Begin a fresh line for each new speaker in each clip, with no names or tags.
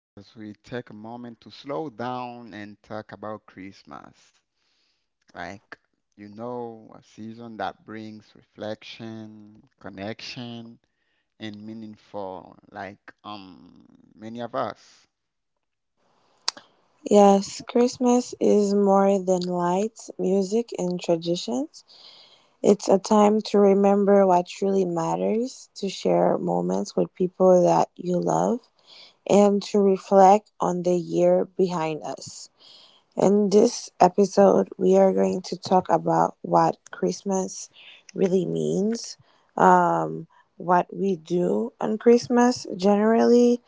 as we take a moment to slow down and talk about Christmas. Like, a season that brings reflection, connection, and meaningful, many of us.
Yes, Christmas is more than lights, music, and traditions. It's a time to remember what truly matters, to share moments with people that you love, and to reflect on the year behind us. In this episode, we are going to talk about what Christmas really means, um, what we do on Christmas generally,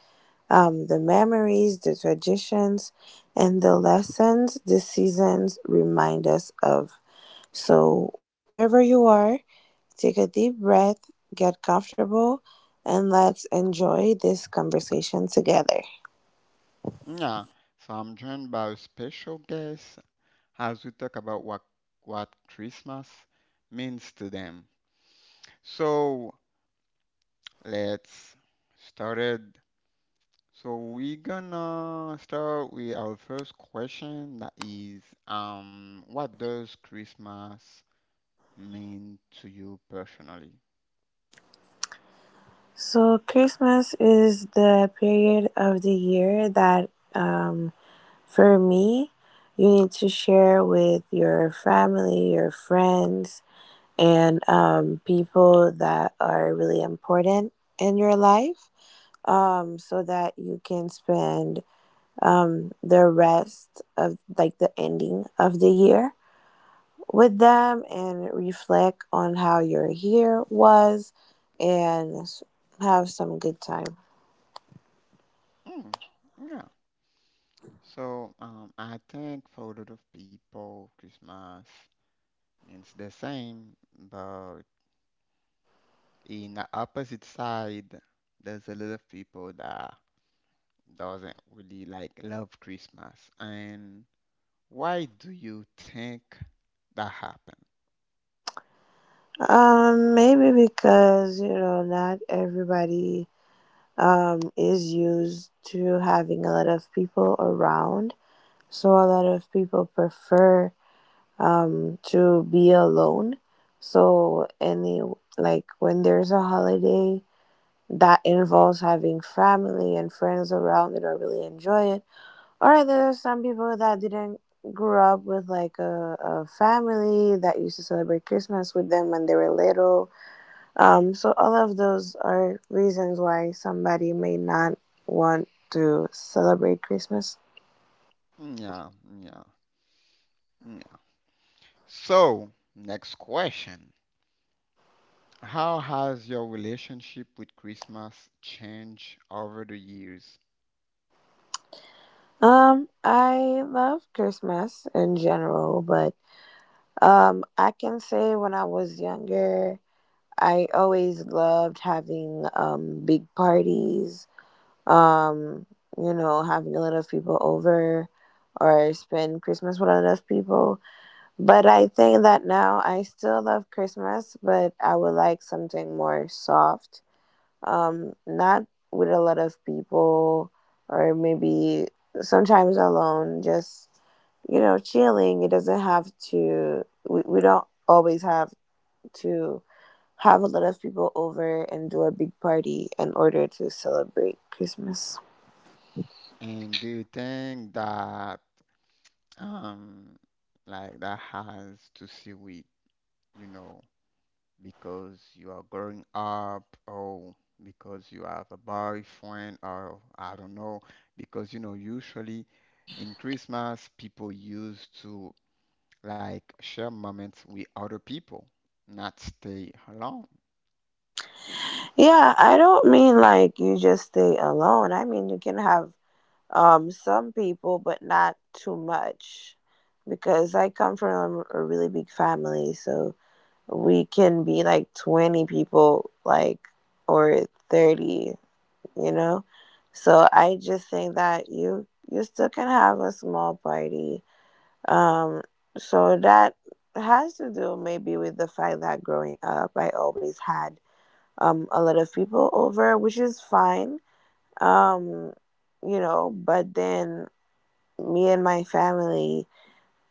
the memories, the traditions, and the lessons the seasons remind us of. So, wherever you are, take a deep breath, get comfortable, and let's enjoy this conversation together.
Yeah, so I'm joined by a special guest as we talk about what Christmas means to them. So let's started. So we're gonna start with our first question that is, what does Christmas mean to you personally?
So, Christmas is the period of the year that, for me, you need to share with your family, your friends, and people that are really important in your life, so that you can spend the rest of like the ending of the year with them and reflect on how your year was and have some good time.
Mm, yeah. So I think for a lot of people, Christmas means the same, but in the opposite side there's a lot of people that doesn't really like love christmas and why do you think that happened?
Maybe because not everybody is used to having a lot of people around, so a lot of people prefer to be alone. So, any like when there's a holiday that involves having family and friends around that I really enjoy it. Or there are some people that didn't grow up with like a family that used to celebrate Christmas with them when they were little. So all of those are reasons why somebody may not want to celebrate Christmas.
Yeah, yeah, yeah. So next question: how has your relationship with christmas changed over the years?
I love Christmas in general, but I can say when I was younger, I always loved having big parties. Um, Having a lot of people over or spend Christmas with a lot of people. But I think that now I still love Christmas, but I would like something more soft, not with a lot of people, or maybe sometimes alone, just, chilling. It doesn't have to, we don't always have to have a lot of people over and do a big party in order to celebrate Christmas.
And do you think that um like that has to see with, you know, because you are growing up or because you have a boyfriend or I don't know, because you know usually in Christmas people used to like share moments with other people, not stay alone.
Yeah, I don't mean like you just stay alone. I mean, you can have some people, but not too much. Because I come from a really big family, so we can be like 20 people like or 30, you know so I just think that you still can have a small party, um so that has to do maybe with the fact that growing up I always had a lot of people over, which is fine. um but then me and my family,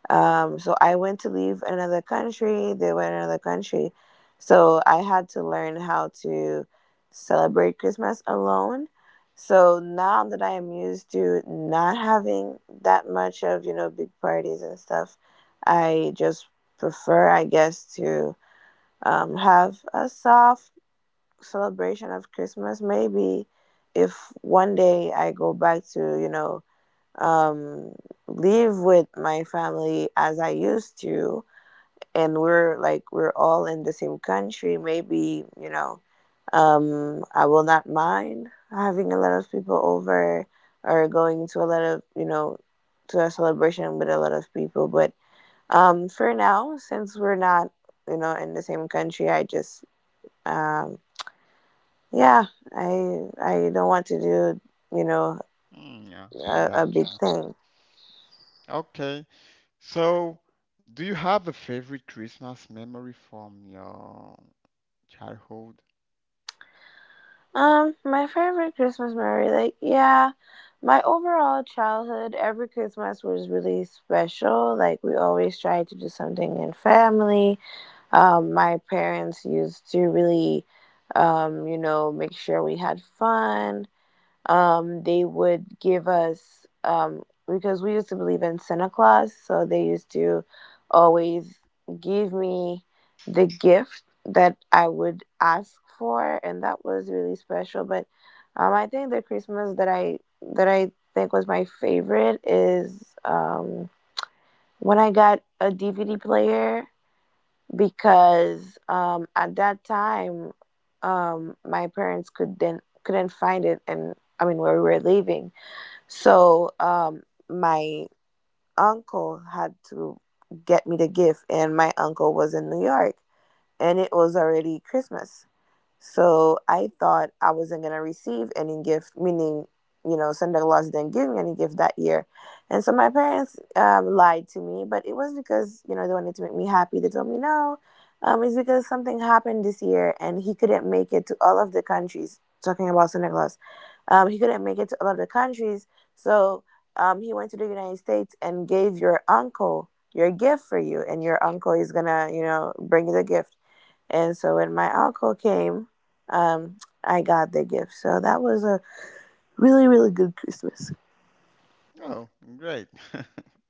so I went to leave another country. They went in another country. So I had to learn how to celebrate Christmas alone. So now that I am used to not having that much of, big parties and stuff, I just prefer, I guess, to have a soft celebration of Christmas. Maybe if one day I go back to, um, live with my family as I used to, and we're all in the same country, maybe I will not mind having a lot of people over or going to a lot of to a celebration with a lot of people. But for now, since we're not in the same country, I just um, yeah, I I don't want to do you know
Mm, yeah.
a
Gotcha.
big thing.
Okay. So do you have a favorite Christmas memory from your childhood?
My favorite Christmas memory, like, yeah, my overall childhood, every Christmas was really special. Like, we always tried to do something in family. My parents used to really, make sure we had fun, they would give us because we used to believe in Santa Claus, so they used to always give me the gift that I would ask for, and that was really special. But I think the Christmas that I think was my favorite is when I got a DVD player because at that time my parents could then couldn't find it, and I mean where we were living, so my uncle had to get me the gift, and my uncle was in New York and it was already Christmas. So I thought I wasn't gonna receive any gift, meaning, Santa Claus didn't give me any gift that year. And so my parents lied to me, but it was because, they wanted to make me happy. They told me, no, it's because something happened this year and he couldn't make it to all of the countries. Talking about Santa Claus, he couldn't make it to all of the countries. So he went to the United States and gave your uncle your gift for you. And your uncle is gonna, bring you the gift. And so when my uncle came, um, I got the gift. So that was a really, really good Christmas.
Oh, great.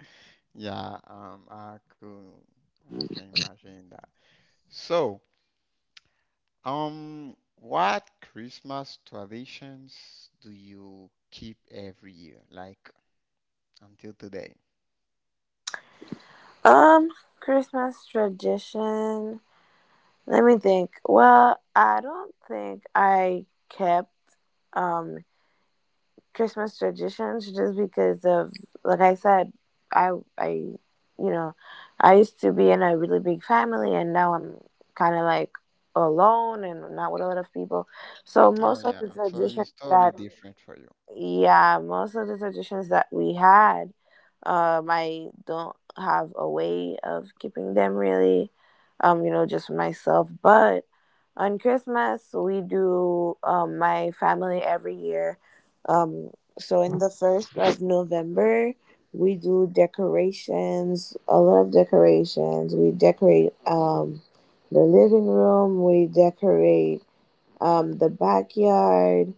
Yeah, I could, I can imagine. So, what Christmas traditions do you keep every year, like until today?
Um, Christmas tradition. Let me think. Well, I don't think I kept um Christmas traditions just because of, like I said, I I you know, I used to be in a really big family and now I'm kinda like alone and not with a lot of people. So
Oh
most of
yeah,
the
so
traditions
it's totally
that,
different for you.
yeah, most of the traditions that we had, I don't have a way of keeping them really, just for myself. But on Christmas, we do my family every year. Um, so in the first of November, we do decorations, a lot of decorations. We decorate the living room. We decorate the backyard,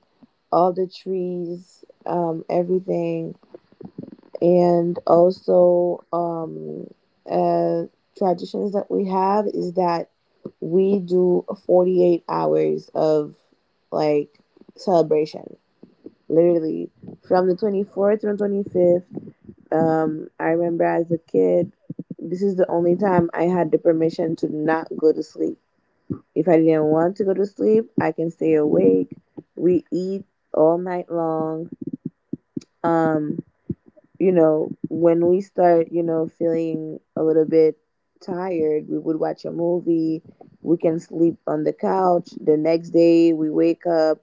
all the trees, everything, and also uh, traditions that we have is that we do 48 hours of like celebration. Literally, from the 24th and 25th, I remember as a kid, this is the only time I had the permission to not go to sleep. If I didn't want to go to sleep, I can stay awake. We eat all night long. Um, you know, when we start, you know, feeling a little bit tired, we would watch a movie. We can sleep on the couch. The next day, we wake up,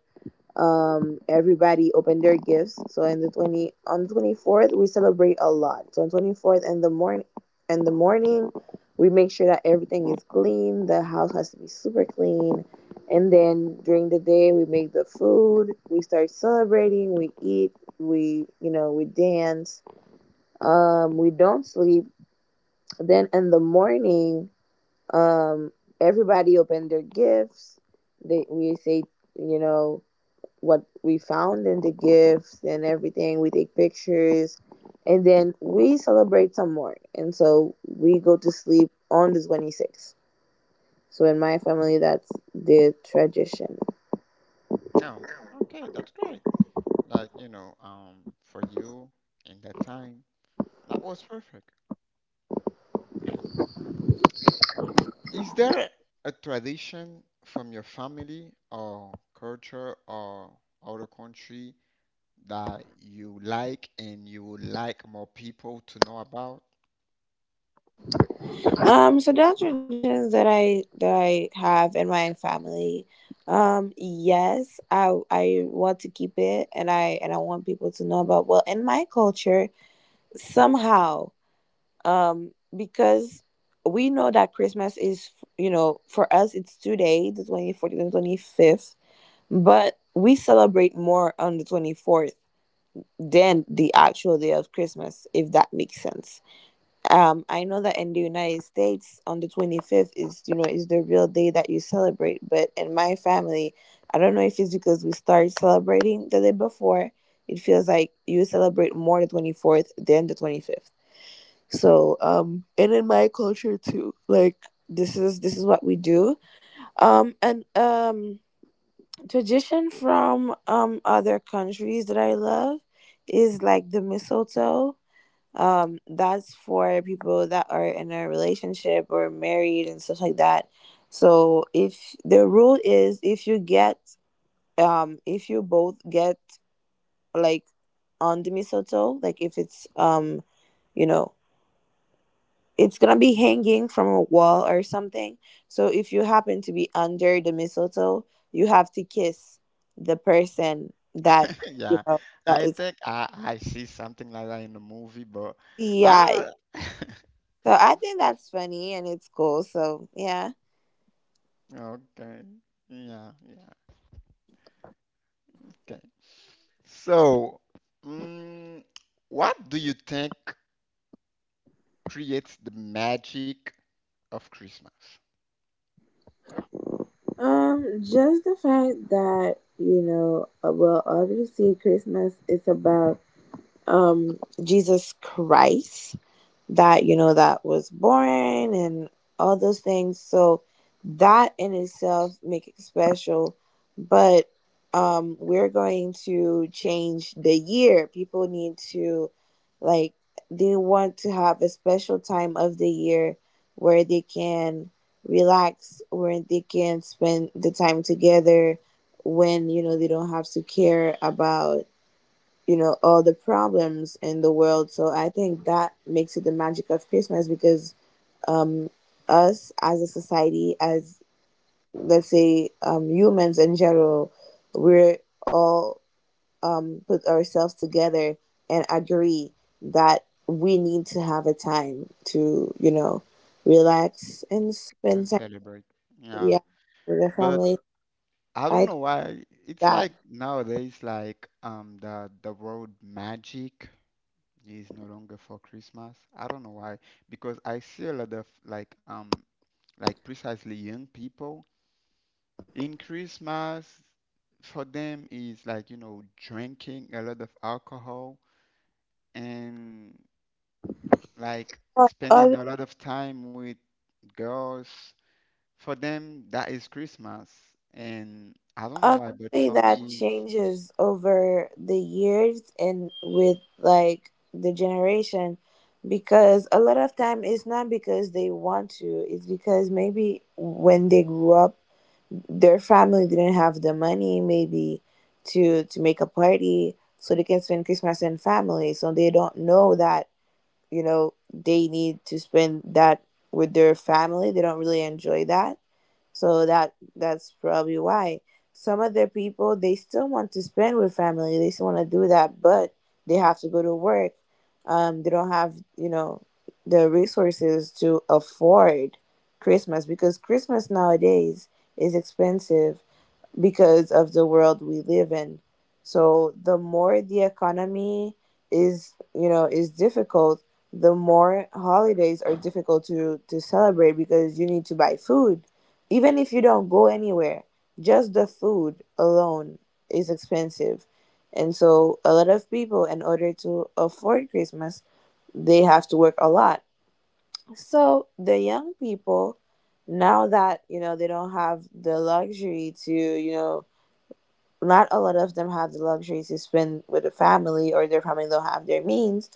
everybody opened their gifts. So in the 20 on the 24th we celebrate a lot. So on 24th in the morning we make sure that everything is clean, the house has to be super clean. And then during the day we make the food, we start celebrating, we eat, we you know we dance, we don't sleep. Then in the morning, um everybody opened their gifts, they we say you know what we found in the gifts and everything. We take pictures and then we celebrate some more. And so we go to sleep on the 26th. So in my family that's the tradition.
No, okay, that's great. Like, you know, for you in that time, that was perfect. Is there a tradition from your family or culture or other country that you like and you would like more people to know about?
So there are traditions that I have in my family. Yes, I want to keep it, and I want people to know about, well, in my culture somehow, because we know that Christmas is, for us it's 2 days, the 24th and 25th, but we celebrate more on the 24th than the actual day of Christmas, if that makes sense. I know that in the United States, on the 25th is the real day that you celebrate, but in my family, I don't know if it's because we started celebrating the day before, it feels like you celebrate more the 24th than the 25th. So and in my culture too, like this is what we do. And tradition from other countries that I love is like the mistletoe. That's for people that are in a relationship or married and stuff like that. So if the rule is if you both get like on the mistletoe, like if it's you know it's gonna be hanging from a wall or something. So if you happen to be under the mistletoe, you have to kiss the person that you
Yeah,
know that
I
is,
think I see something like that in the movie, but
yeah.
I
So I think that's funny and it's cool. So yeah.
okay. Yeah, yeah, okay. So, mm, what do you think creates the magic of Christmas
Just the fact that, well, obviously Christmas is about um Jesus Christ. That, you know, that was boring and all those things, so that in itself make it special. But we're going to change the year, people need to, like, they want to have a special time of the year where they can relax, where they can spend the time together, when, you know, they don't have to care about, you know, all the problems in the world. So I think that makes it the magic of Christmas, because um us as a society, as, let's say, humans in general, we're all put ourselves together and agree that we need to have a time to, you know, relax and
and
spend time.
celebrate? Yeah,
Yeah, with the
but
family.
I
I
don't
think
know why. It's
that.
like nowadays, the word magic is no longer for Christmas. I don't know why, because I see a lot of like precisely young people. In Christmas, for them is like, you know, drinking a lot of alcohol and like
But
spending
other
a lot of time with girls. For them, that is Christmas. And I don't know why, but
Obviously,
for
that
me, it's...
changes over the years and with, like, the generation, because a lot of time it's not because they want to, it's because maybe when they grew up, their family didn't have the money, maybe, to make a party so they can spend Christmas in family. So they don't know that, you know, they need to spend that with their family. They don't really enjoy that, so that's probably why some of their people they still want to spend with family. They still want to do that, but they have to go to work. They don't have, you know, the resources to afford Christmas, because Christmas nowadays is expensive because of the world we live in. So the more the economy is, you know, is difficult, the more holidays are difficult to celebrate, because you need to buy food. Even if you don't go anywhere, just the food alone is expensive. And so a lot of people, in order to afford Christmas, they have to work a lot. So the young people now, that, you know, they don't have the luxury to, you know, not a lot of them have the luxury to spend with a family, or their family don't have their means,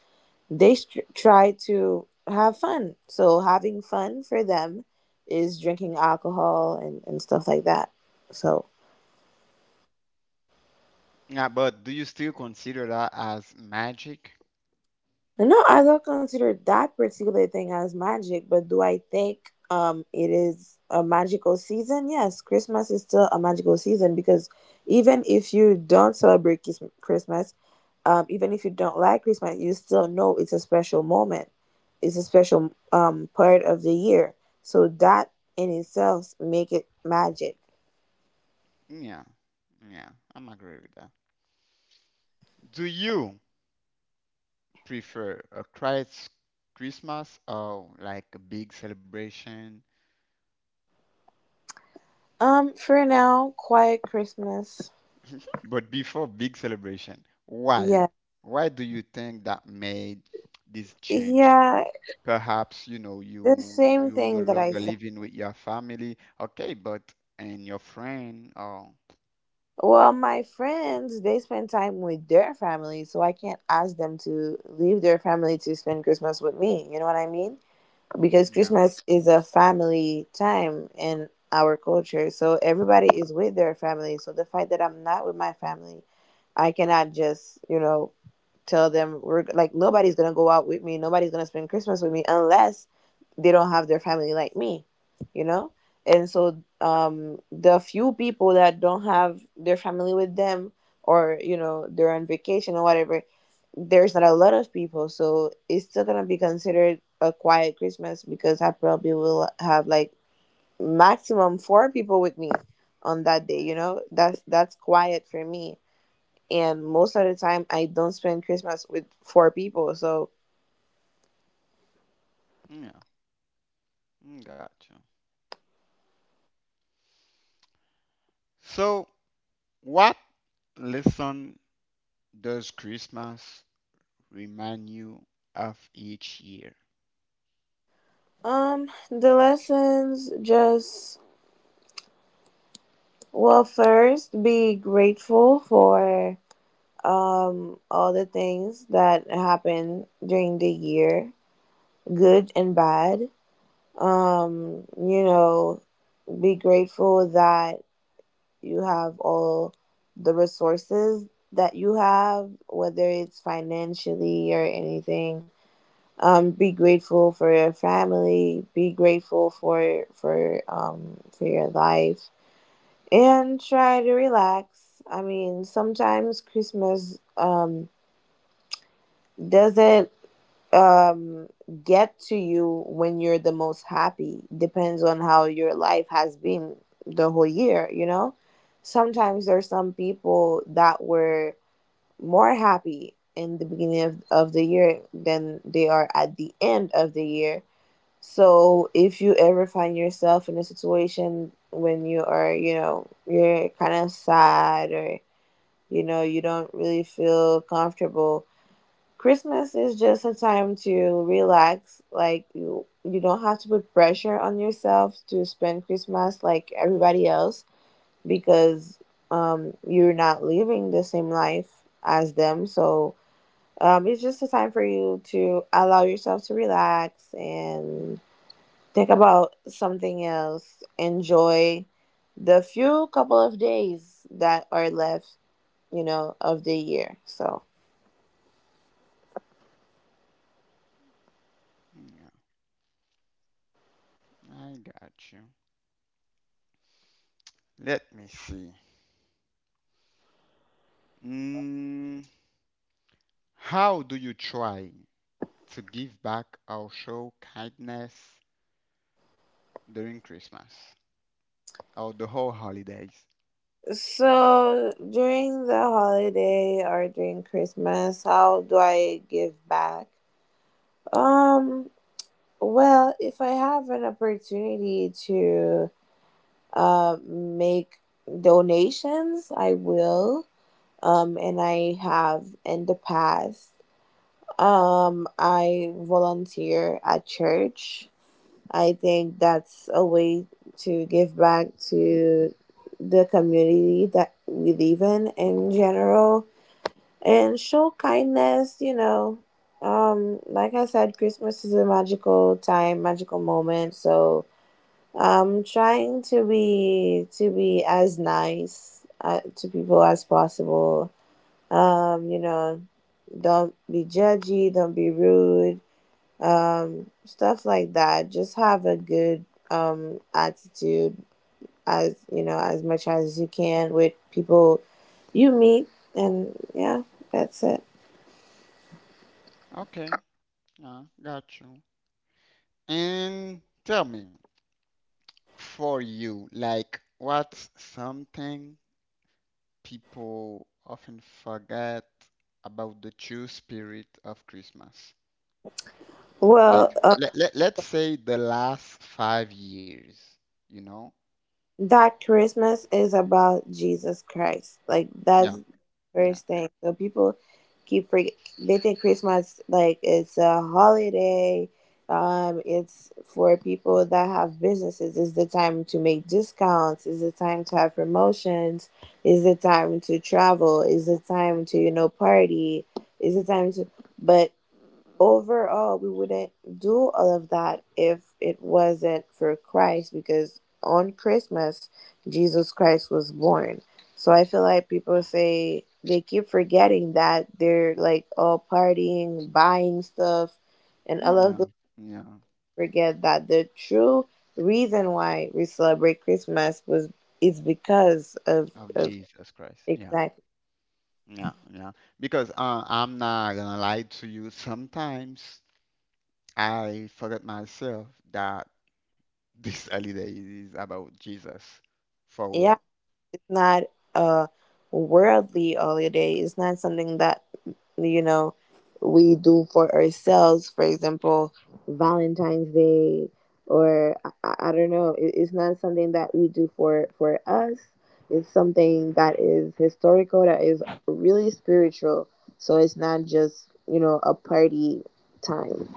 they str try to have fun. So having fun for them is drinking alcohol, and stuff like that. So
Yeah, but do you still consider that as magic?
no, I don't consider that particular thing as magic. But do I think it is a magical season? Yes, Christmas is still a magical season, because even if you don't celebrate Christmas, even if you don't like Christmas, you still know it's a special moment. It's a special part of the year. So that in itself make it magic.
Yeah, yeah, I'm agree with that. Do you prefer a Christmas or like a big celebration?
For now, quiet Christmas.
But before big celebration, why?
Yeah,
Why do you think that made this change?
yeah,
Perhaps, you know,
the
you
same
you no
thing that I.
longer living with your family, okay, but and your friend, oh,
Well, my friends, they spend time with their family, so I can't ask them to leave their family to spend Christmas with me. You know what I mean? Because
yeah,
Christmas is a family time in our culture, so everybody is with their family. So the fact that I'm not with my family, I cannot just, you know, tell them, we're like, nobody's gonna go out with me, nobody's gonna spend Christmas with me, unless they don't have their family like me, you know. And so the few people that don't have their family with them, or, you know, they're on vacation or whatever, there's not a lot of people. So it's still gonna be considered a quiet Christmas, because I probably will have like maximum four people with me on that day, you know. That's quiet for me. And most of the time I don't spend Christmas with four people. So,
yeah, mm, gotcha. So, what lesson does Christmas remind you of each year?
the lessons just, well, first, be grateful for all the things that happen during the year, good and bad. You know, be grateful that you have all the resources that you have, whether it's financially or anything. Be grateful for your family, be grateful for your life. And try to relax. I mean, sometimes Christmas doesn't um get to you when you're the most happy. Depends on how your life has been the whole year, you know. Sometimes there's some people that were more happy in the beginning of the year than they are at the end of the year. So if you ever find yourself in a situation when you are, you know, you're kind of sad, or, you know, you don't really feel comfortable, Christmas is just a time to relax. Like, you don't have to put pressure on yourself to spend Christmas like everybody else, because you're not living the same life as them. So it's just a time for you to allow yourself to relax and think about something else. Enjoy the few couple of days that are left, you know, of the year. So,
Yeah, I got you. Let me see. Mm, how do you try to give back or show kindness during Christmas or the whole holidays.
so during the holiday or during Christmas, how do I give back? Um, well, if I have an opportunity to make donations, I will. And I have in the past. I volunteer at church. I think that's a way to give back to the community that we live in general, and show kindness, you know. Like I said, Christmas is a magical time, magical moment. So I'm trying to be as nice, to people as possible. You know, don't be judgy, don't be rude, stuff like that. Just have a good attitude, as, you know, as much as you can, with people you meet. And yeah, that's it.
Okay, yeah, got you. And tell me, for you, like, what's something people often forget about the true spirit of Christmas? Like,
Well,
let's say the last 5 years, you know?
that Christmas is about Jesus Christ. Like,
Yeah,
that's
yeah,
first thing. So people keep forget, they think Christmas, like, it's a holiday. It's for people that have businesses. It's the time to make discounts. It's the time to have promotions. It's the time to travel. It's the time to, you know, party. It's the time to. But overall, we wouldn't do all of that if it wasn't for Christ, because on Christmas Jesus Christ was born. So I feel like people say they keep forgetting that, they're like all partying, buying stuff, and all of
yeah,
them
yeah,
forget that the true reason why we celebrate Christmas was, is because of,
of
of
Jesus Christ. Yeah.
Exactly.
Yeah, yeah. Because I'm not gonna lie to you. Sometimes I forget myself that this holiday is about Jesus, for
Yeah,
real.
it's not a worldly holiday. It's not something that, you know, we do for ourselves, for example, Valentine's Day. Or I don't know, it, it's not something that we do for us. It's something that is historical, that is really spiritual. So it's not just, you know, a party time.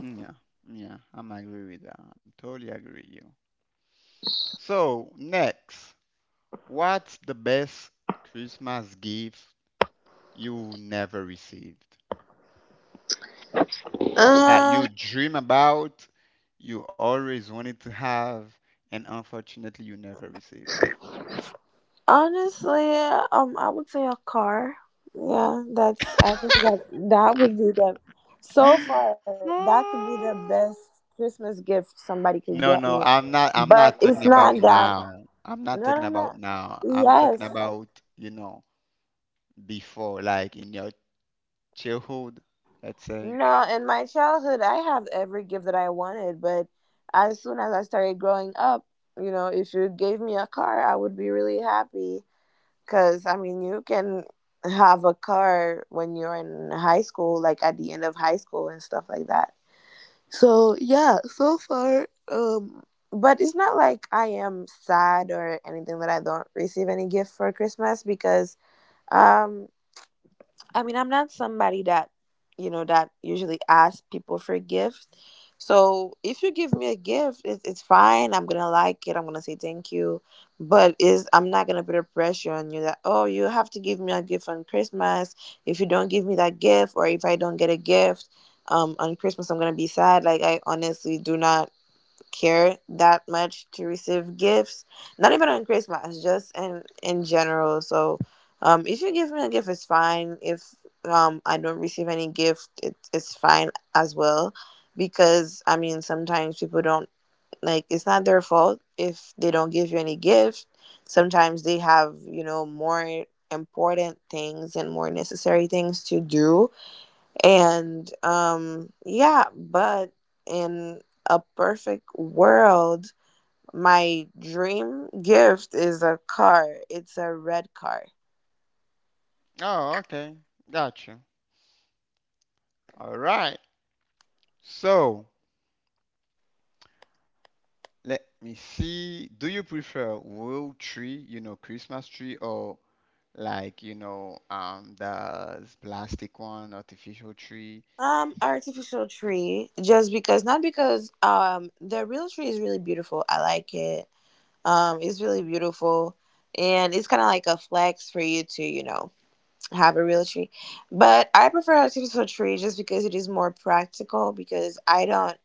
Mm, yeah, yeah. I'm agree with that. I'm totally agree with you. So next, what's the best Christmas gift you never received that
Um.
you dream about, you always wanted to have, and unfortunately you never received?
Honestly, I would say a car. Yeah, that's. I think that that would be the. So far, that could be the best Christmas gift somebody could get
No,
me.
no, I'm
But
not talking
it's not
about
that.
now. I'm
No,
not talking
no, no.
about now. I'm talking
Yes.
about, you know, before, like in your childhood, let's say.
No, in my childhood, I have every gift that I wanted, but as soon as I started growing up, you know, if you gave me a car, I would be really happy. Because, I mean, you can have a car when you're in high school, like at the end of high school and stuff like that. So, yeah, so far, but it's not like I am sad or anything that I don't receive any gift for Christmas, because, um, I mean, I'm not somebody that, you know, that usually asks people for gifts. So if you give me a gift, it's fine. I'm gonna like it, I'm gonna say thank you, but is I'm not gonna put a pressure on you that, oh, you have to give me a gift on Christmas. If you don't give me that gift, or if I don't get a gift on Christmas, I'm gonna be sad. Like, I honestly do not care that much to receive gifts, not even on Christmas, just in general. So if you give me a gift, it's fine. If I don't receive any gift, it's fine as well. Because I mean sometimes people don't, like, it's not their fault if they don't give you any gift. Sometimes they have, you know, more important things and more necessary things to do. And yeah, but in a perfect world, my dream gift is a car. It's a red car.
Oh, okay. Gotcha. All right. So, let me see. Do you prefer real tree, you know, Christmas tree, or like, you know, the plastic one, artificial tree?
Artificial tree. Just because, not because the real tree is really beautiful, I like it. It's really beautiful, and it's kind of like a flex for you to, you know, have a real tree. But I prefer artificial tree just because it is more practical, because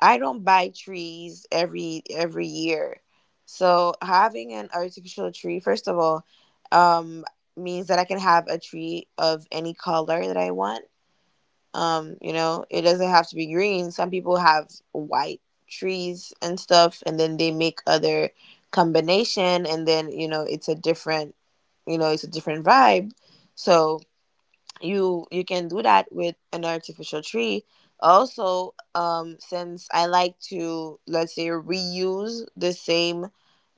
I don't buy trees every year. So having an artificial tree, first of all, um, means that I can have a tree of any color that I want. You know, it doesn't have to be green. Some people have white trees and stuff, and then they make other combination, and then, you know, it's a different, you know, it's a different vibe. So you can do that with an artificial tree. Also, since I like to, let's say, reuse the same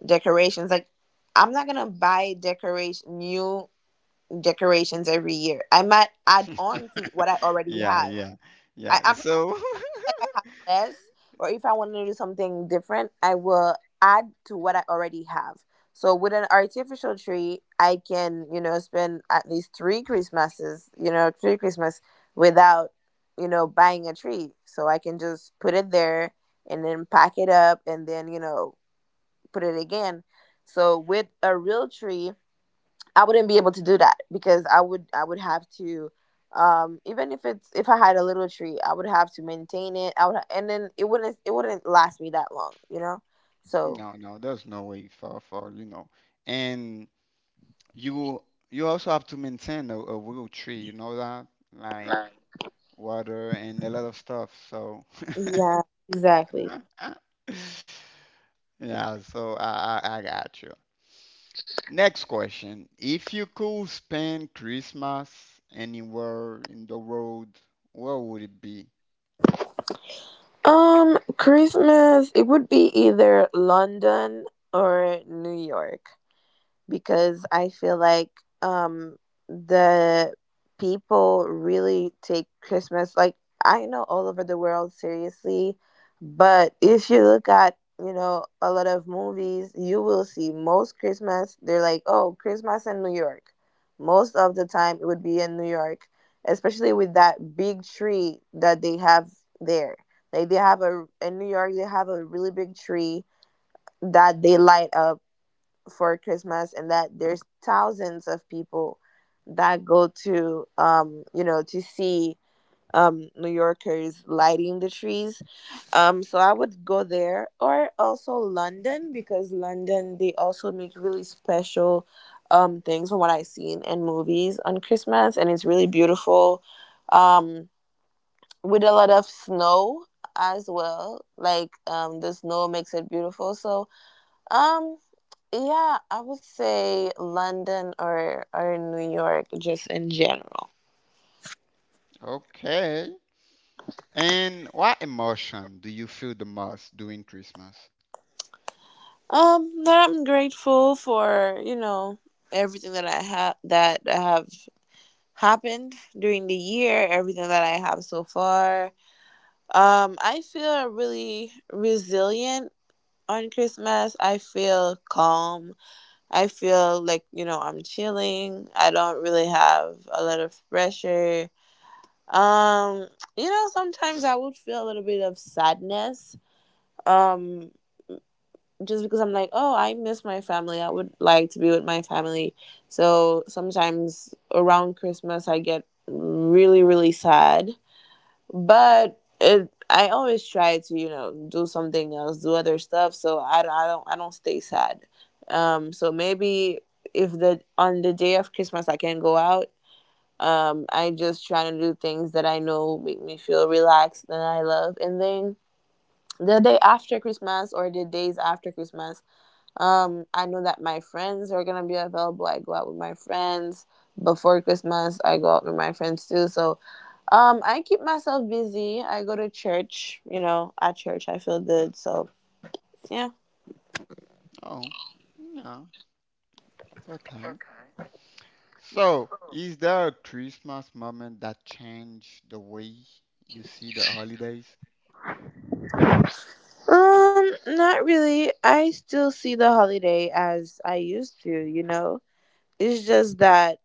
decorations. Like, I'm not gonna buy decoration, new decorations every year, I might add on to what I already
Yeah,
have.
yeah,
i
yeah.
I'm
So,
less, or if I want to do something different, I will add to what I already have. So with an artificial tree, I can, you know, spend at least three Christmases, you know, three Christmas without, you know, buying a tree. So I can just put it there and then pack it up and then, you know, put it again. So with a real tree, I wouldn't be able to do that because I would have to even if it's, if I had a little tree, I would have to maintain it. I would and then it wouldn't last me that long, you know? So
no, no, there's no way for you know, and you you also have to maintain a real tree, you know that, like water and a lot of stuff. So
yeah, exactly.
yeah, so I got you. Next question: If you could spend Christmas anywhere in the world, where would it be?
Christmas, it would be either London or New York. Because I feel like um the people really take Christmas like, I know all over the world seriously, but if you look at, a lot of movies, you will see most Christmas they're like, oh, Christmas in New York. Most of the time it would be in New York, especially with that big tree that they have there. Like they have a, in New York they have a really big tree that they light up for Christmas, and that there's thousands of people that go to to see New Yorkers lighting the trees. So I would go there or also London, because London they also make really special things from what I've seen in movies on Christmas, and it's really beautiful. Um, with a lot of snow as well, like the snow makes it beautiful. So um yeah, I would say London or New York just in general.
Okay. And what emotion do you feel the most during Christmas?
That I'm grateful for, everything that I have, that have happened during the year, everything that I have so far. I feel really resilient on Christmas. I feel calm. I feel like, I'm chilling. I don't really have a lot of pressure. Um, you know, sometimes I would feel a little bit of sadness. Um, just because I'm like, oh, I miss my family. I would like to be with my family. So sometimes around Christmas, I get really, really sad. I always try to, you know, do something else, do other stuff. So I don't stay sad. So maybe if the on the day of Christmas I can go out. I just try to do things that I know make me feel relaxed and I love. And then the day after Christmas or the days after Christmas, I know that my friends are gonna be available. I go out with my friends before Christmas. I go out with my friends too. So I keep myself busy. I go to church. You know, at church I feel good. So yeah.
Oh, no, that's okay. So, is there a Christmas moment that changed the way you see the holidays?
Not really. I still see the holiday as I used to. You know, it's just that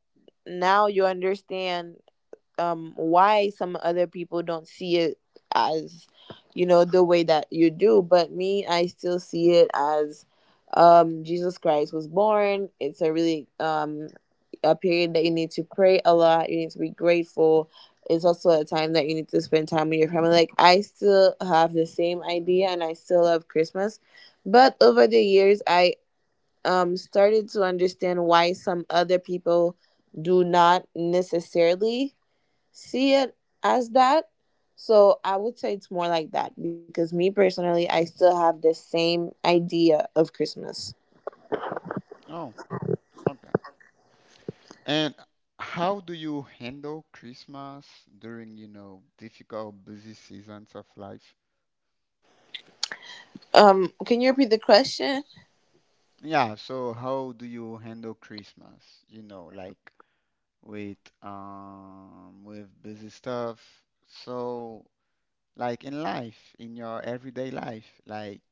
now you understand why some other people don't see it as, you know, the way that you do. But me, I still see it as Jesus Christ was born. It's a really a period that you need to pray a lot, you need to be grateful. It's also a time that you need to spend time with your family. Like, I still have the same idea and I still love Christmas, but over the years I started to understand why some other people do not necessarily see it as that. So I would say it's more like that, because me personally I still have the same idea of Christmas.
Oh, okay. And how do you handle Christmas during, you know, difficult, busy seasons of life?
Um, can you repeat the question?
Yeah, so how do you handle Christmas? You know, like with busy stuff. So, like in life, in your everyday life, like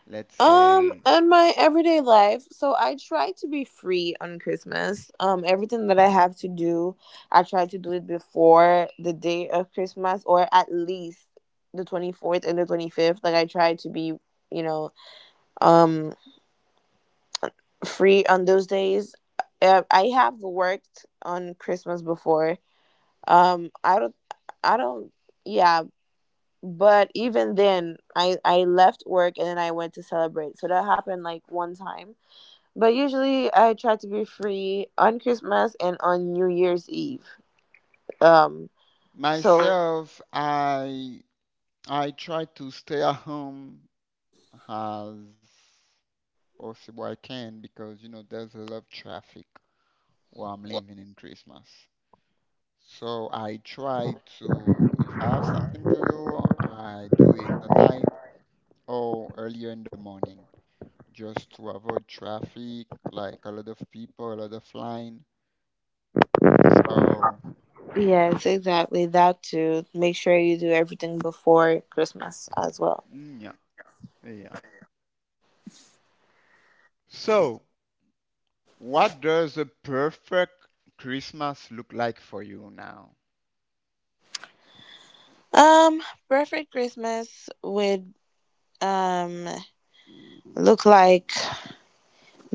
let's say
And my everyday life. So I try to be free on Christmas. Everything that I have to do, I try to do it before the day of Christmas, or at least the 24th and the 25th. Like I try to be, you know, um free on those days. I have worked on Christmas before. Um, I don't I don't yeah, but even then I left work and then I went to celebrate. So that happened like one time. But usually I try to be free on Christmas and on New Year's Eve. Um so
myself, I try to stay at home as possible I can because you know there's a lot of traffic where I'm living in Christmas. So I try to, if I have something to do, I do it in the night or earlier in the morning just to avoid traffic, like a lot of people, a lot of line. So,
yes, exactly that too. Make sure you do everything before Christmas as well.
mm, yeah, yeah. So, what does a perfect Christmas look like for you now?
Um perfect Christmas would um look like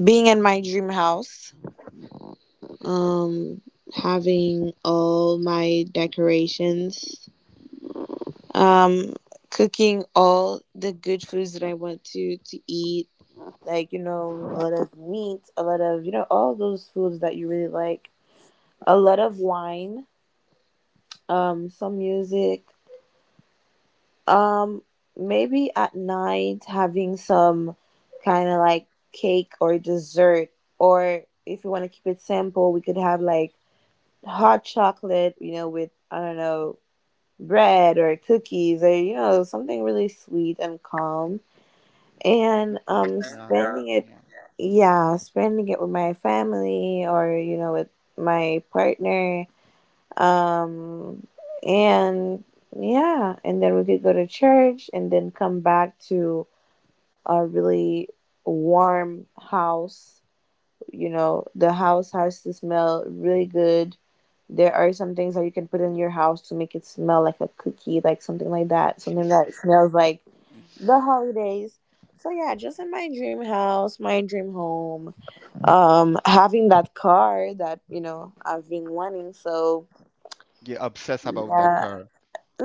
being in my dream house. Um having all my decorations. Um cooking all the good foods that I want to eat, like, you know, a lot of meat, a lot of, you know, all those foods that you really like, a lot of wine, some music, um maybe at night having some kind of like cake or dessert, or if you want to keep it simple we could have like hot chocolate, you know, with, I don't know, bread or cookies or, you know, something really sweet and calm. And
Mm, yeah,
spending it,
yeah.
yeah, spending it with my family or, you know, with my partner. Um, and yeah, and then we could go to church and then come back to a really warm house. You know, the house has to smell really good. There are some things that you can put in your house to make it smell like a cookie, like something like that, something that smells like
Mm.
the holidays. So yeah, just in my dream house, my dream home, having that car that, you know, I've been wanting. So
You obsess about that
yeah,
car.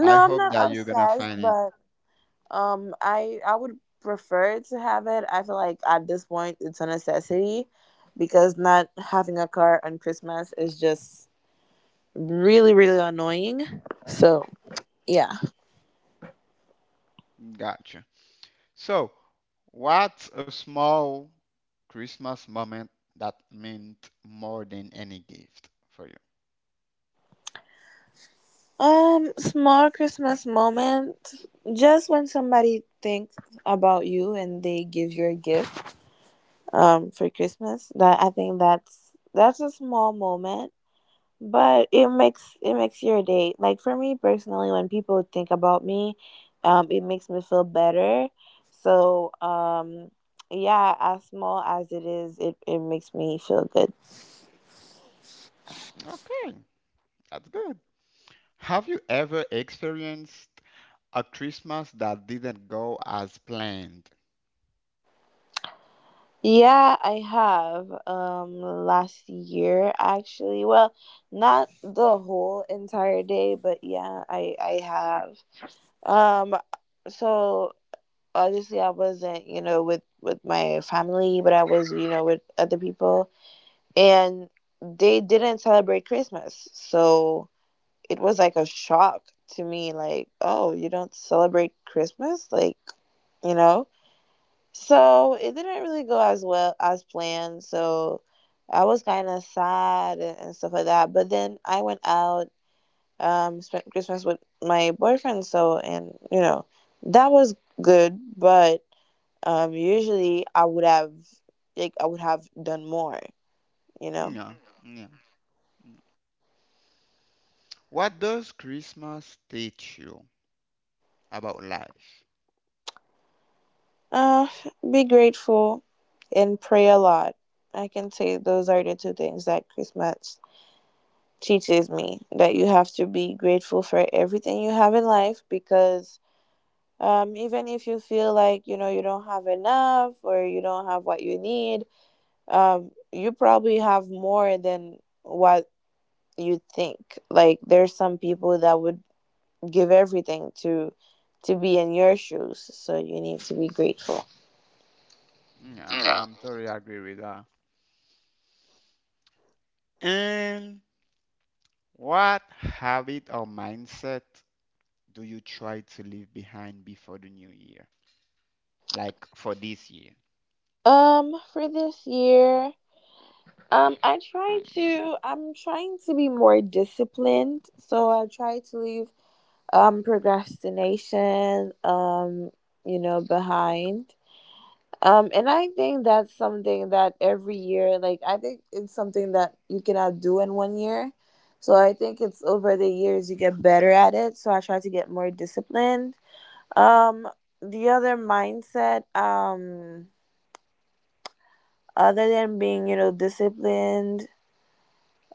I
I'm
hope
not
that you're gonna
obsessed,
find it.
but I would prefer to have it. I feel like at this point it's a necessity, because not having a car on Christmas is just really, really annoying. So yeah.
Gotcha. So, what's a small Christmas moment that meant more than any gift for you?
Um small Christmas moment, just when somebody thinks about you and they give you a gift for Christmas. That I think that's a small moment, but it makes, it makes your day. Like, for me personally, when people think about me, it makes me feel better. So yeah, as small as it is, it makes me feel good.
Okay, that's good. Have you ever experienced a Christmas that didn't go as planned?
Yeah, I have. Last year, actually. Well, not the whole entire day, but yeah, I have. So Obviously I wasn't, you know, with my family, but I was, you know, with other people, and they didn't celebrate Christmas. So it was like a shock to me, like, oh, you don't celebrate Christmas, like, you know. So it didn't really go as well as planned. So I was kind of sad and stuff like that. But then I went out, spent Christmas with my boyfriend. So, and you know, that was good. But usually I would have, like, I would have done more, you know.
Yeah, yeah, yeah. What does Christmas teach you about life?
Uh, be grateful and pray a lot. I can say those are the two things that Christmas teaches me, that you have to be grateful for everything you have in life because, even if you feel like, you know, you don't have enough or you don't have what you need, you probably have more than what you think. Like, there's some people that would give everything to be in your shoes, so you need to be grateful.
Yeah, I'm totally agree with that. And what habit or mindset do you try to leave behind before the new year? Like for this year?
Um for this year, I try to, I'm trying to be more disciplined, so I try to leave procrastination, you know, behind. And I think that's something that every year, like, I think it's something that you cannot do in one year, so I think it's over the years you get better at it. So I try to get more disciplined. Um, the other mindset, other than being, you know, disciplined.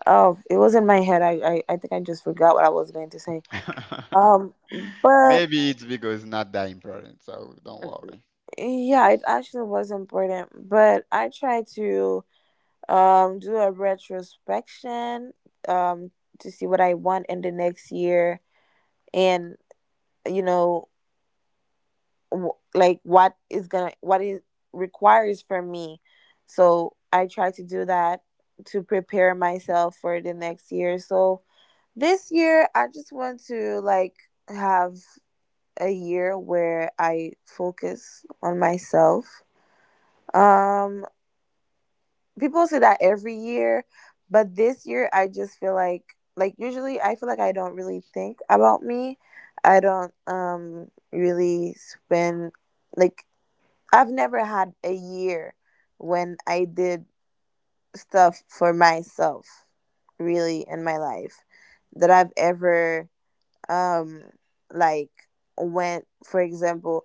Oh, it was in my head. I think I just forgot what I was going to say. Um, but
Maybe it's because it's not that important, so don't worry.
yeah, it actually was important. But I try to do a retrospection um to see what I want in the next year and, you know, like what is gonna, what it requires from me. So I try to do that to prepare myself for the next year. So this year I just want to, like, have a year where I focus on myself. Um people say that every year, but this year I just feel like, usually I feel like I don't really think about me. I don't really spend, like, I've never had a year when I did stuff for myself, really, in my life, that I've ever, um, like, went, for example,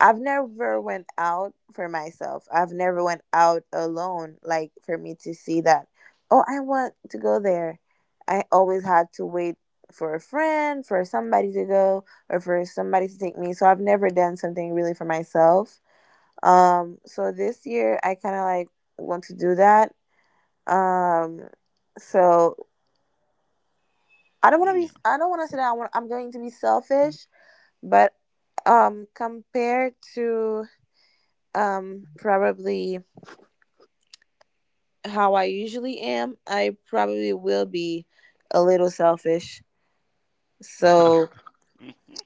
I've never went out for myself. I've never went out alone, like, for me to see that, oh, I want to go there. I always had to wait for a friend, for somebody to go, or for somebody to take me. So I've never done something really for myself. So this year I kind of like want to do that. Um, so I don't want to be.
Yeah.
I don't want to say that I'm going to be selfish, but compared to, probably how I usually am, I probably will be a little selfish. So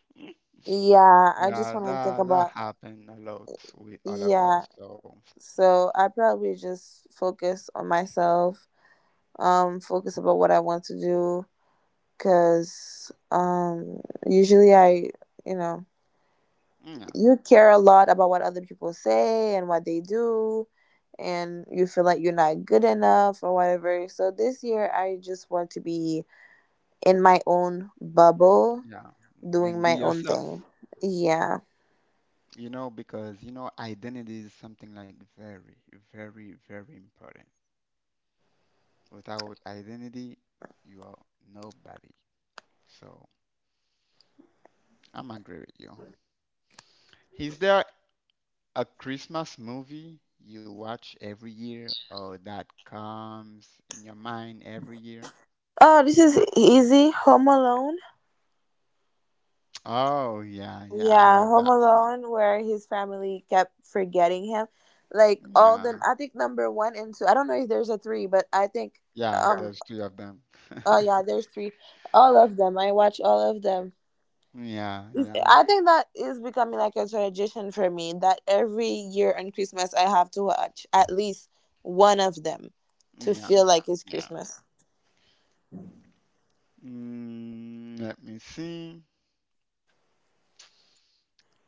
yeah, I just
Yeah,
want to think
that that
about,
happened a lot with all of
yeah.
us. So
So I probably just focus on myself. Focus about what I want to do, because usually I, you know,
yeah,
you care a lot about what other people say and what they do, and you feel like you're not good enough or whatever. So this year, I just want to be in my own bubble,
yeah,
doing
and be
my own thing.
yourself.
Yeah.
You know, because you know, identity is something like very, very, very important. Without identity, you are nobody. So I'm agree with you. Is there a Christmas movie you watch every year or that comes in your mind every year?
Oh, this is easy. Home Alone.
Oh yeah, yeah, I
Yeah,
love
Home
that one.
Alone, where his family kept forgetting him. Like, all
Yeah,
the, I think number one and two. I don't know if there's a three, but I think
yeah,
um
there's three of them.
oh yeah, there's three. All of them. I watch all of them.
Yeah, yeah,
I think that is becoming like a tradition for me that every year on Christmas I have to watch at least one of them to
yeah,
feel like it's
yeah.
Christmas.
Mm, let me see.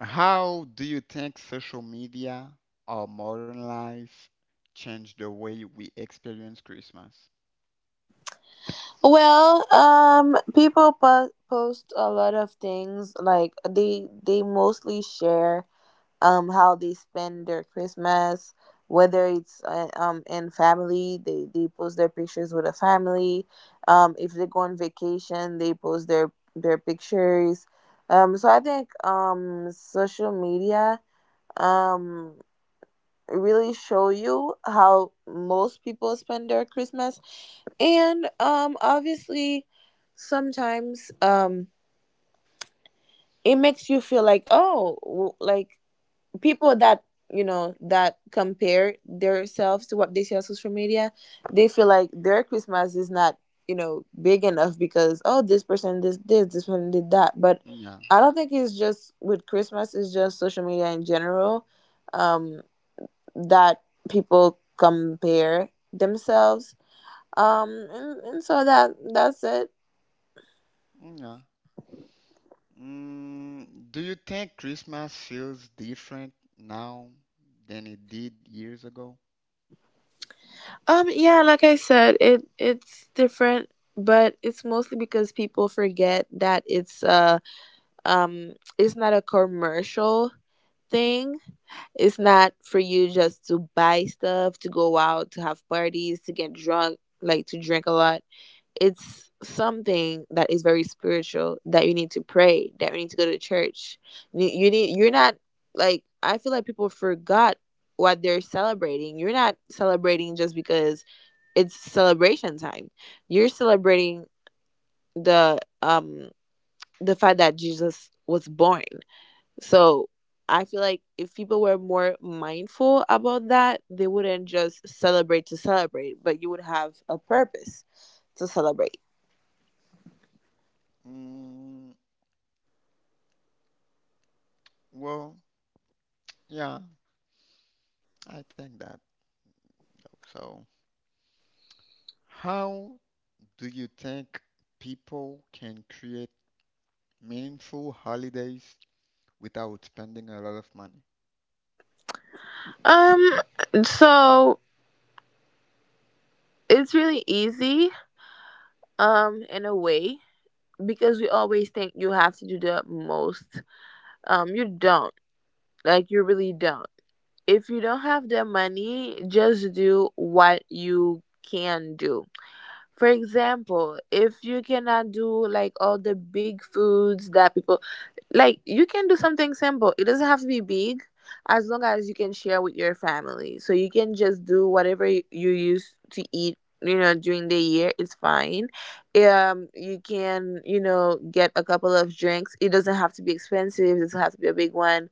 How do you think social media or modern life changed the way we experience Christmas?
Well, people post a lot of things like they mostly share how they spend their Christmas, whether it's in family, they post their pictures with a family. If they go on vacation, they post their pictures. So I think social media um really show you how most people spend their Christmas, and obviously sometimes it makes you feel like oh like people that you know that compare themselves to what they see on social media, they feel like their Christmas is not, you know, big enough because oh this person did this, this person did that. But
Yeah.
I don't think it's just with Christmas, it's just social media in general, um that people compare themselves. And so that's it.
Yeah. Mm, do you think Christmas feels different now than it did years ago?
Yeah, like I said, it it's different, but it's mostly because people forget that um it's not a commercial thing. It's not for you just to buy stuff, to go out, to have parties, to get drunk, like to drink a lot. It's something that is very spiritual, that you need to pray, that you need to go to church. You need you're not, like I feel like people forgot what they're celebrating. You're not celebrating just because it's celebration time, you're celebrating the the fact that Jesus was born. So I feel like if people were more mindful about that, they wouldn't just celebrate to celebrate, but you would have a purpose to celebrate.
Mm, well, yeah, I think that. So, how do you think people can create meaningful holidays without spending a lot of money?
Um so it's really easy in a way, because we always think you have to do the most. You don't. Like you really don't. If you don't have the money, just do what you can do. For example, if you cannot do like all the big foods that people like, you can do something simple. It doesn't have to be big, as long as you can share with your family. So you can just do whatever you used to eat, you know, during the year. It's fine. You can, you know, get a couple of drinks. It doesn't have to be expensive. It doesn't have to be a big one.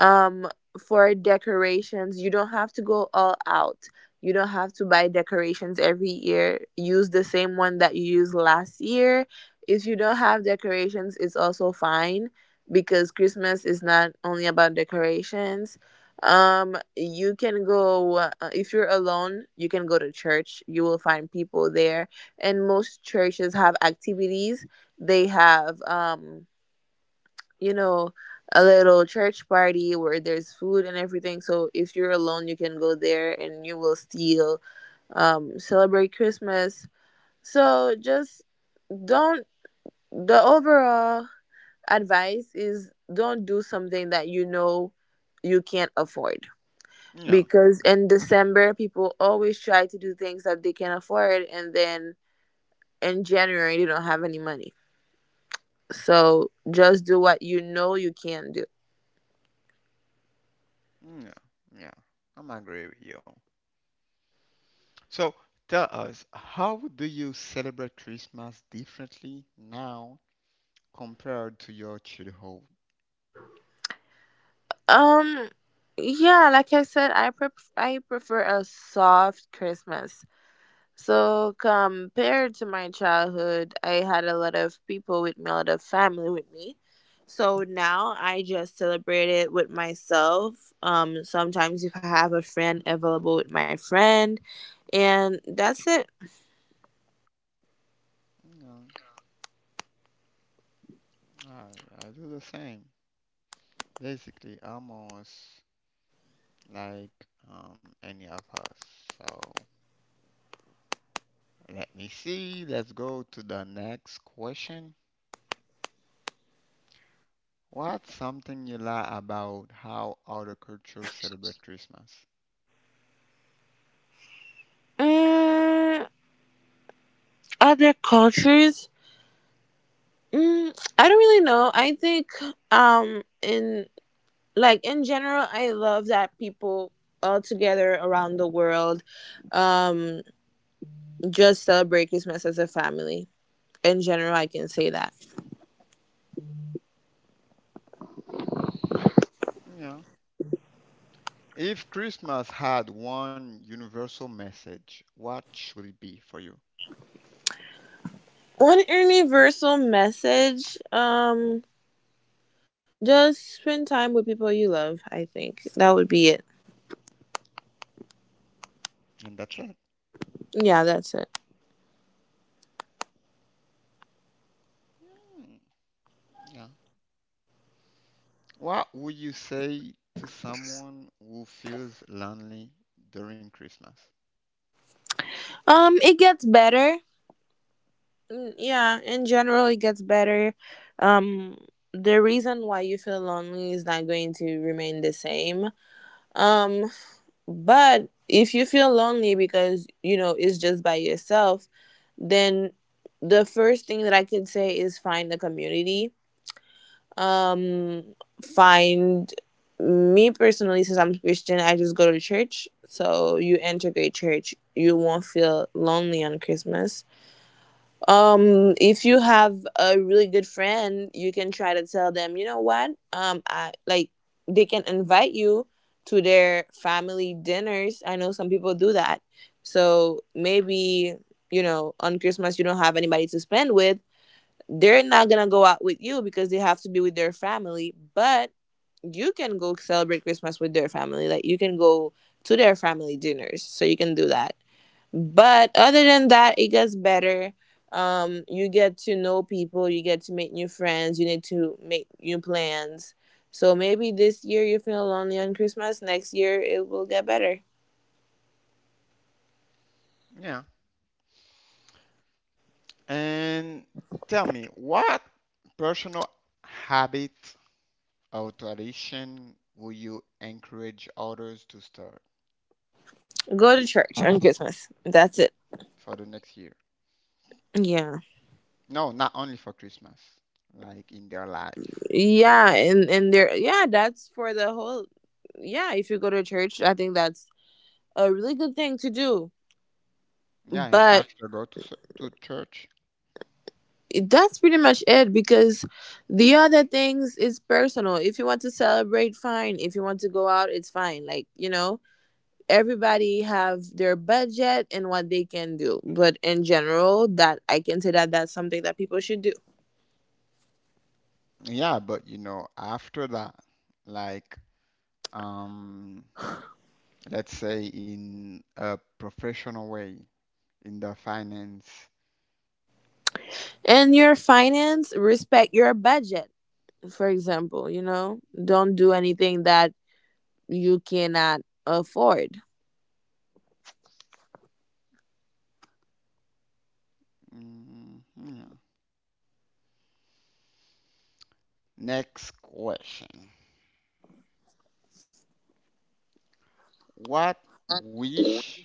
um for decorations, you don't have to go all out. You don't have to buy decorations every year, use the same one that you used last year. If you don't have decorations, it's also fine, because Christmas is not only about decorations. You can go if you're alone, you can go to church, you will find people there. And most churches have activities. They have you know, a little church party where there's food and everything. So if you're alone, you can go there and you will still, celebrate Christmas. So just don't, the overall advice is don't do something that you know you can't afford.
Yeah.
Because in December, people always try to do things that they can afford, and then in January, they don't have any money. So just do what you know you can do.
Yeah, yeah, I'm agree with you. So tell us, how do you celebrate Christmas differently now compared to your childhood?
Um, yeah, like I said, I I prefer a soft Christmas. So compared to my childhood, I had a lot of people with me, a lot of family with me. So now I just celebrate it with myself. Sometimes if I have a friend available, with my friend, and that's it.
No, I do the same. Basically, almost like any of us. So let me see. Let's go to the next question. What's something you like about how other cultures celebrate Christmas?
Mm, other cultures, mm, I don't really know. I think in like in general, I love that people all together around the world um just celebrate Christmas as a family. In general, I can say that.
Yeah. If Christmas had one universal message, what should it be for you?
One universal message, just spend time with people you love. I think that would be it.
And that's it.
Yeah, that's it.
Mm, yeah. What would you say to someone who feels lonely during Christmas?
It gets better. Mm, yeah, in general it gets better. um the reason why you feel lonely is not going to remain the same. um But if you feel lonely because, you know, it's just by yourself, then the first thing that I could say is find a community. Um, find, me personally, since I'm Christian, I just go to church. So you integrate church, you won't feel lonely on Christmas. If you have a really good friend, you can try to tell them, you know what? I like, they can invite you to their family dinners. I know some people do that. So maybe, you know, on Christmas you don't have anybody to spend with. They're not gonna go out with you because they have to be with their family, but you can go celebrate Christmas with their family. Like you can go to their family dinners. So you can do that. But other than that, it gets better. You get to know people, you get to make new friends, you need to make new plans. So maybe this year you feel lonely on Christmas, next year it will get better.
Yeah. And tell me, what personal habit or tradition will you encourage others to start
Go to church on Christmas. That's it.
for the next year?
Yeah.
No, not only for Christmas, like in their life.
Yeah, and there, yeah, that's for the whole, yeah, if you go to church, I think that's a really good thing to do.
Yeah, and
But
after go to to church.
that's pretty much it, because the other things is personal. If you want to celebrate, fine. If you want to go out, it's fine, like, you know, everybody have their budget and what they can do. But in general, that I can say, that that's something that people should do.
Yeah, but you know, after that, like, um, let's say in a professional way, in the finance.
And your finance, respect your budget. For example, you know, don't do anything that you cannot afford.
Mm, yeah. Next question. What wish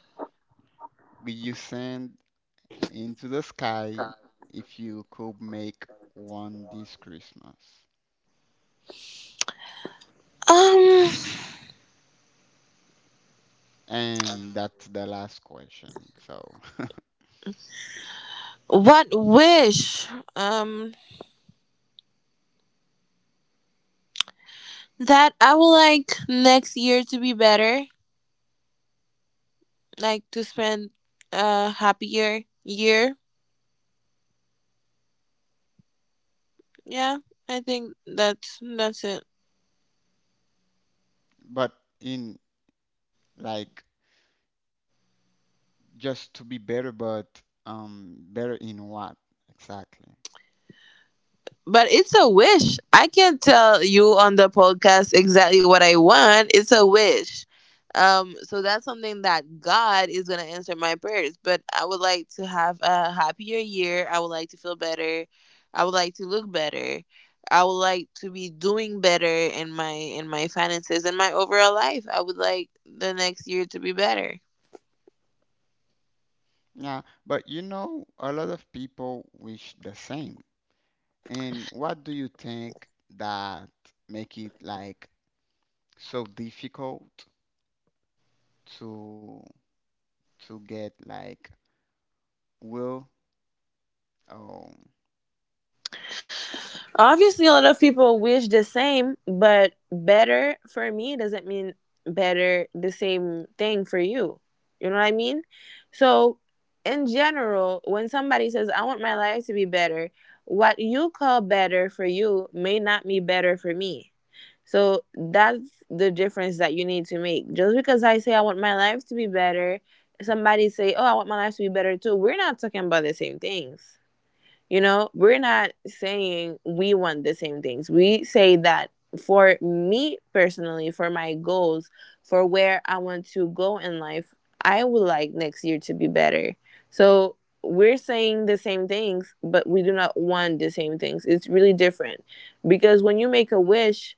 would you send into the sky if you could make one this Christmas?
um
And that's the last question. So,
what wish, um that I would like next year to be better. Like to spend a happier year. Yeah, I think that's it.
but in like just to be better, but better in what exactly?
But it's a wish. I can't tell you on the podcast exactly what I want. It's a wish. So that's something that God is gonna answer my prayers. But I would like to have a happier year. I would like to feel better. I would like to look better. I would like to be doing better in my finances and my overall life. I would like the next year to be better.
Yeah, but you know, a lot of people wish the same. And what do you think that make it like so difficult to get like will? Oh,
Obviously, a lot of people wish the same, but better for me doesn't mean better the same thing for you. You know what I mean? So, in general, when somebody says, I want my life to be better, what you call better for you may not be better for me. So, that's the difference that you need to make. Just because I say, I want my life to be better, somebody say, oh, I want my life to be better too. We're not talking about the same things, you know, we're not saying we want the same things. We say that for me personally, for my goals, for where I want to go in life, I would like next year to be better. So we're saying the same things, but we do not want the same things. It's really different, because when you make a wish,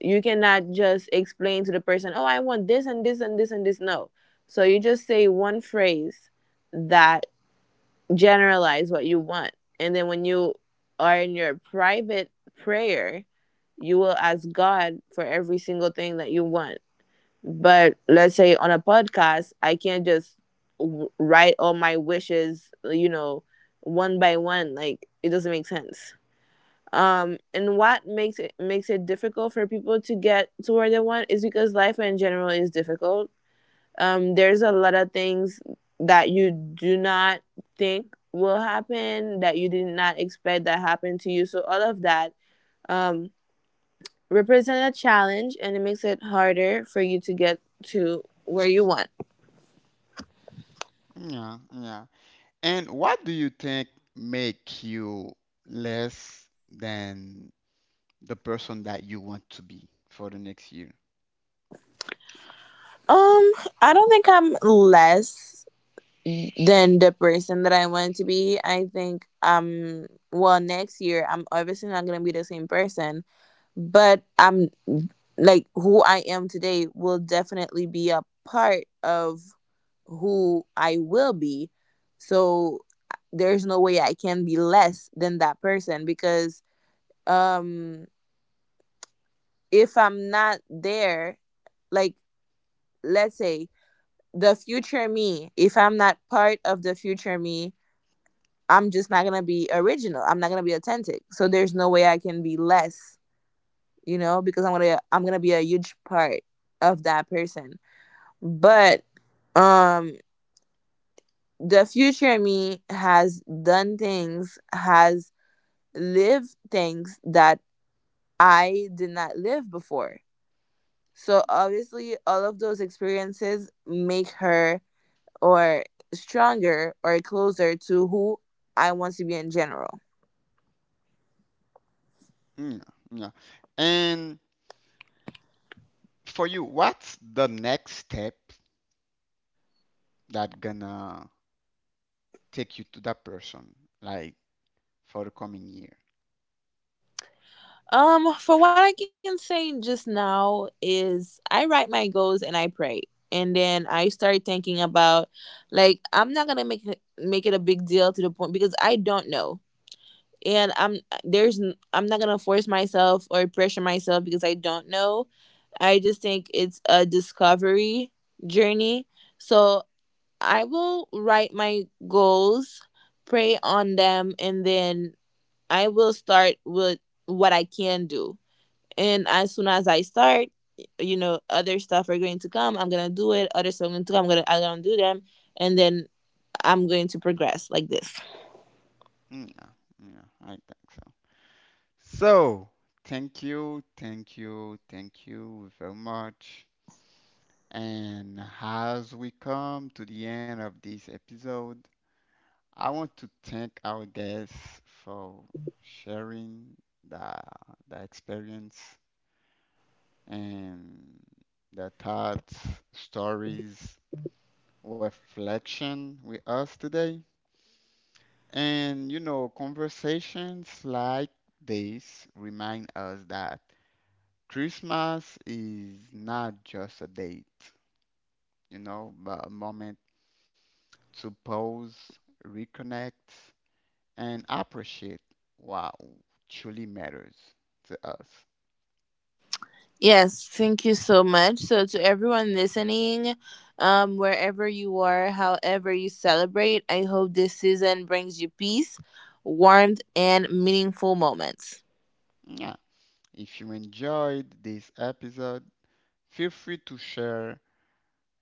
you cannot just explain to the person, oh, I want this and this and this and this. No. So you just say one phrase that generalize what you want. And then when you are in your private prayer, you will ask God for every single thing that you want. But let's say on a podcast, I can't just write all my wishes, you know, one by one. Like it doesn't make sense. And what makes it difficult for people to get to where they want is because life in general is difficult. Um, there's a lot of things that you do not think will happen, that you did not expect, that happened to you. So all of that, um, represents a challenge, and it makes it harder for you to get to where you want.
yeah, yeah. And what do you think make you less than the person that you want to be for the next year?
Um, I don't think I'm less than the person that I want to be. I think, well, next year I'm obviously not gonna be the same person, but I'm, like, who I am today will definitely be a part of who I will be. So there's no way I can be less than that person, because um if I'm not there, like, let's say the future me, if I'm not part of the future me, I'm just not going to be original. I'm not going to be authentic. So there's no way I can be less, you know, because I'm gonna be a huge part of that person. But um the future me has done things, has lived things that I did not live before. So obviously all of those experiences make her or stronger or closer to who I want to be in general.
Yeah, yeah. And for you, what's the next step that gonna take you to that person, like for the coming year?
For what I can say just now is I write my goals and I pray. And then I start thinking about, like, I'm not gonna make it a big deal to the point because I don't know. And I'm, I'm not gonna force myself or pressure myself because I don't know. I just think it's a discovery journey. So I will write my goals, pray on them, and then I will start with what I can do, and as soon as I start, you know, other stuff are going to come. I'm gonna do it. Other stuff are going to come. I'm gonna do them, and then I'm going to progress like this.
Mm, yeah, yeah, I think so. So, thank you, thank you, thank you very much. And as we come to the end of this episode, I want to thank our guests for sharing the the experience and their thoughts, stories, reflection with us today. And you know, conversations like this remind us that Christmas is not just a date, you know, but a moment to pause, reconnect, and appreciate what truly matters to us.
Yes, thank you so much. So to everyone listening, wherever you are, however you celebrate, I hope this season brings you peace, warmth, and meaningful moments.
Yeah. If you enjoyed this episode, feel free to share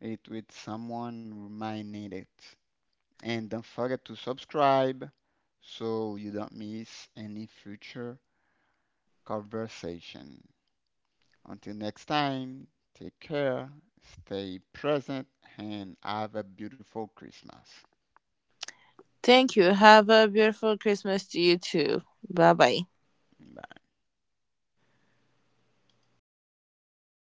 it with someone who might need it. And don't forget to subscribe so you don't miss any future conversation. Until next time, take care, stay present, and have a beautiful Christmas.
Thank you. Have a beautiful Christmas to you too. Bye bye.
Bye.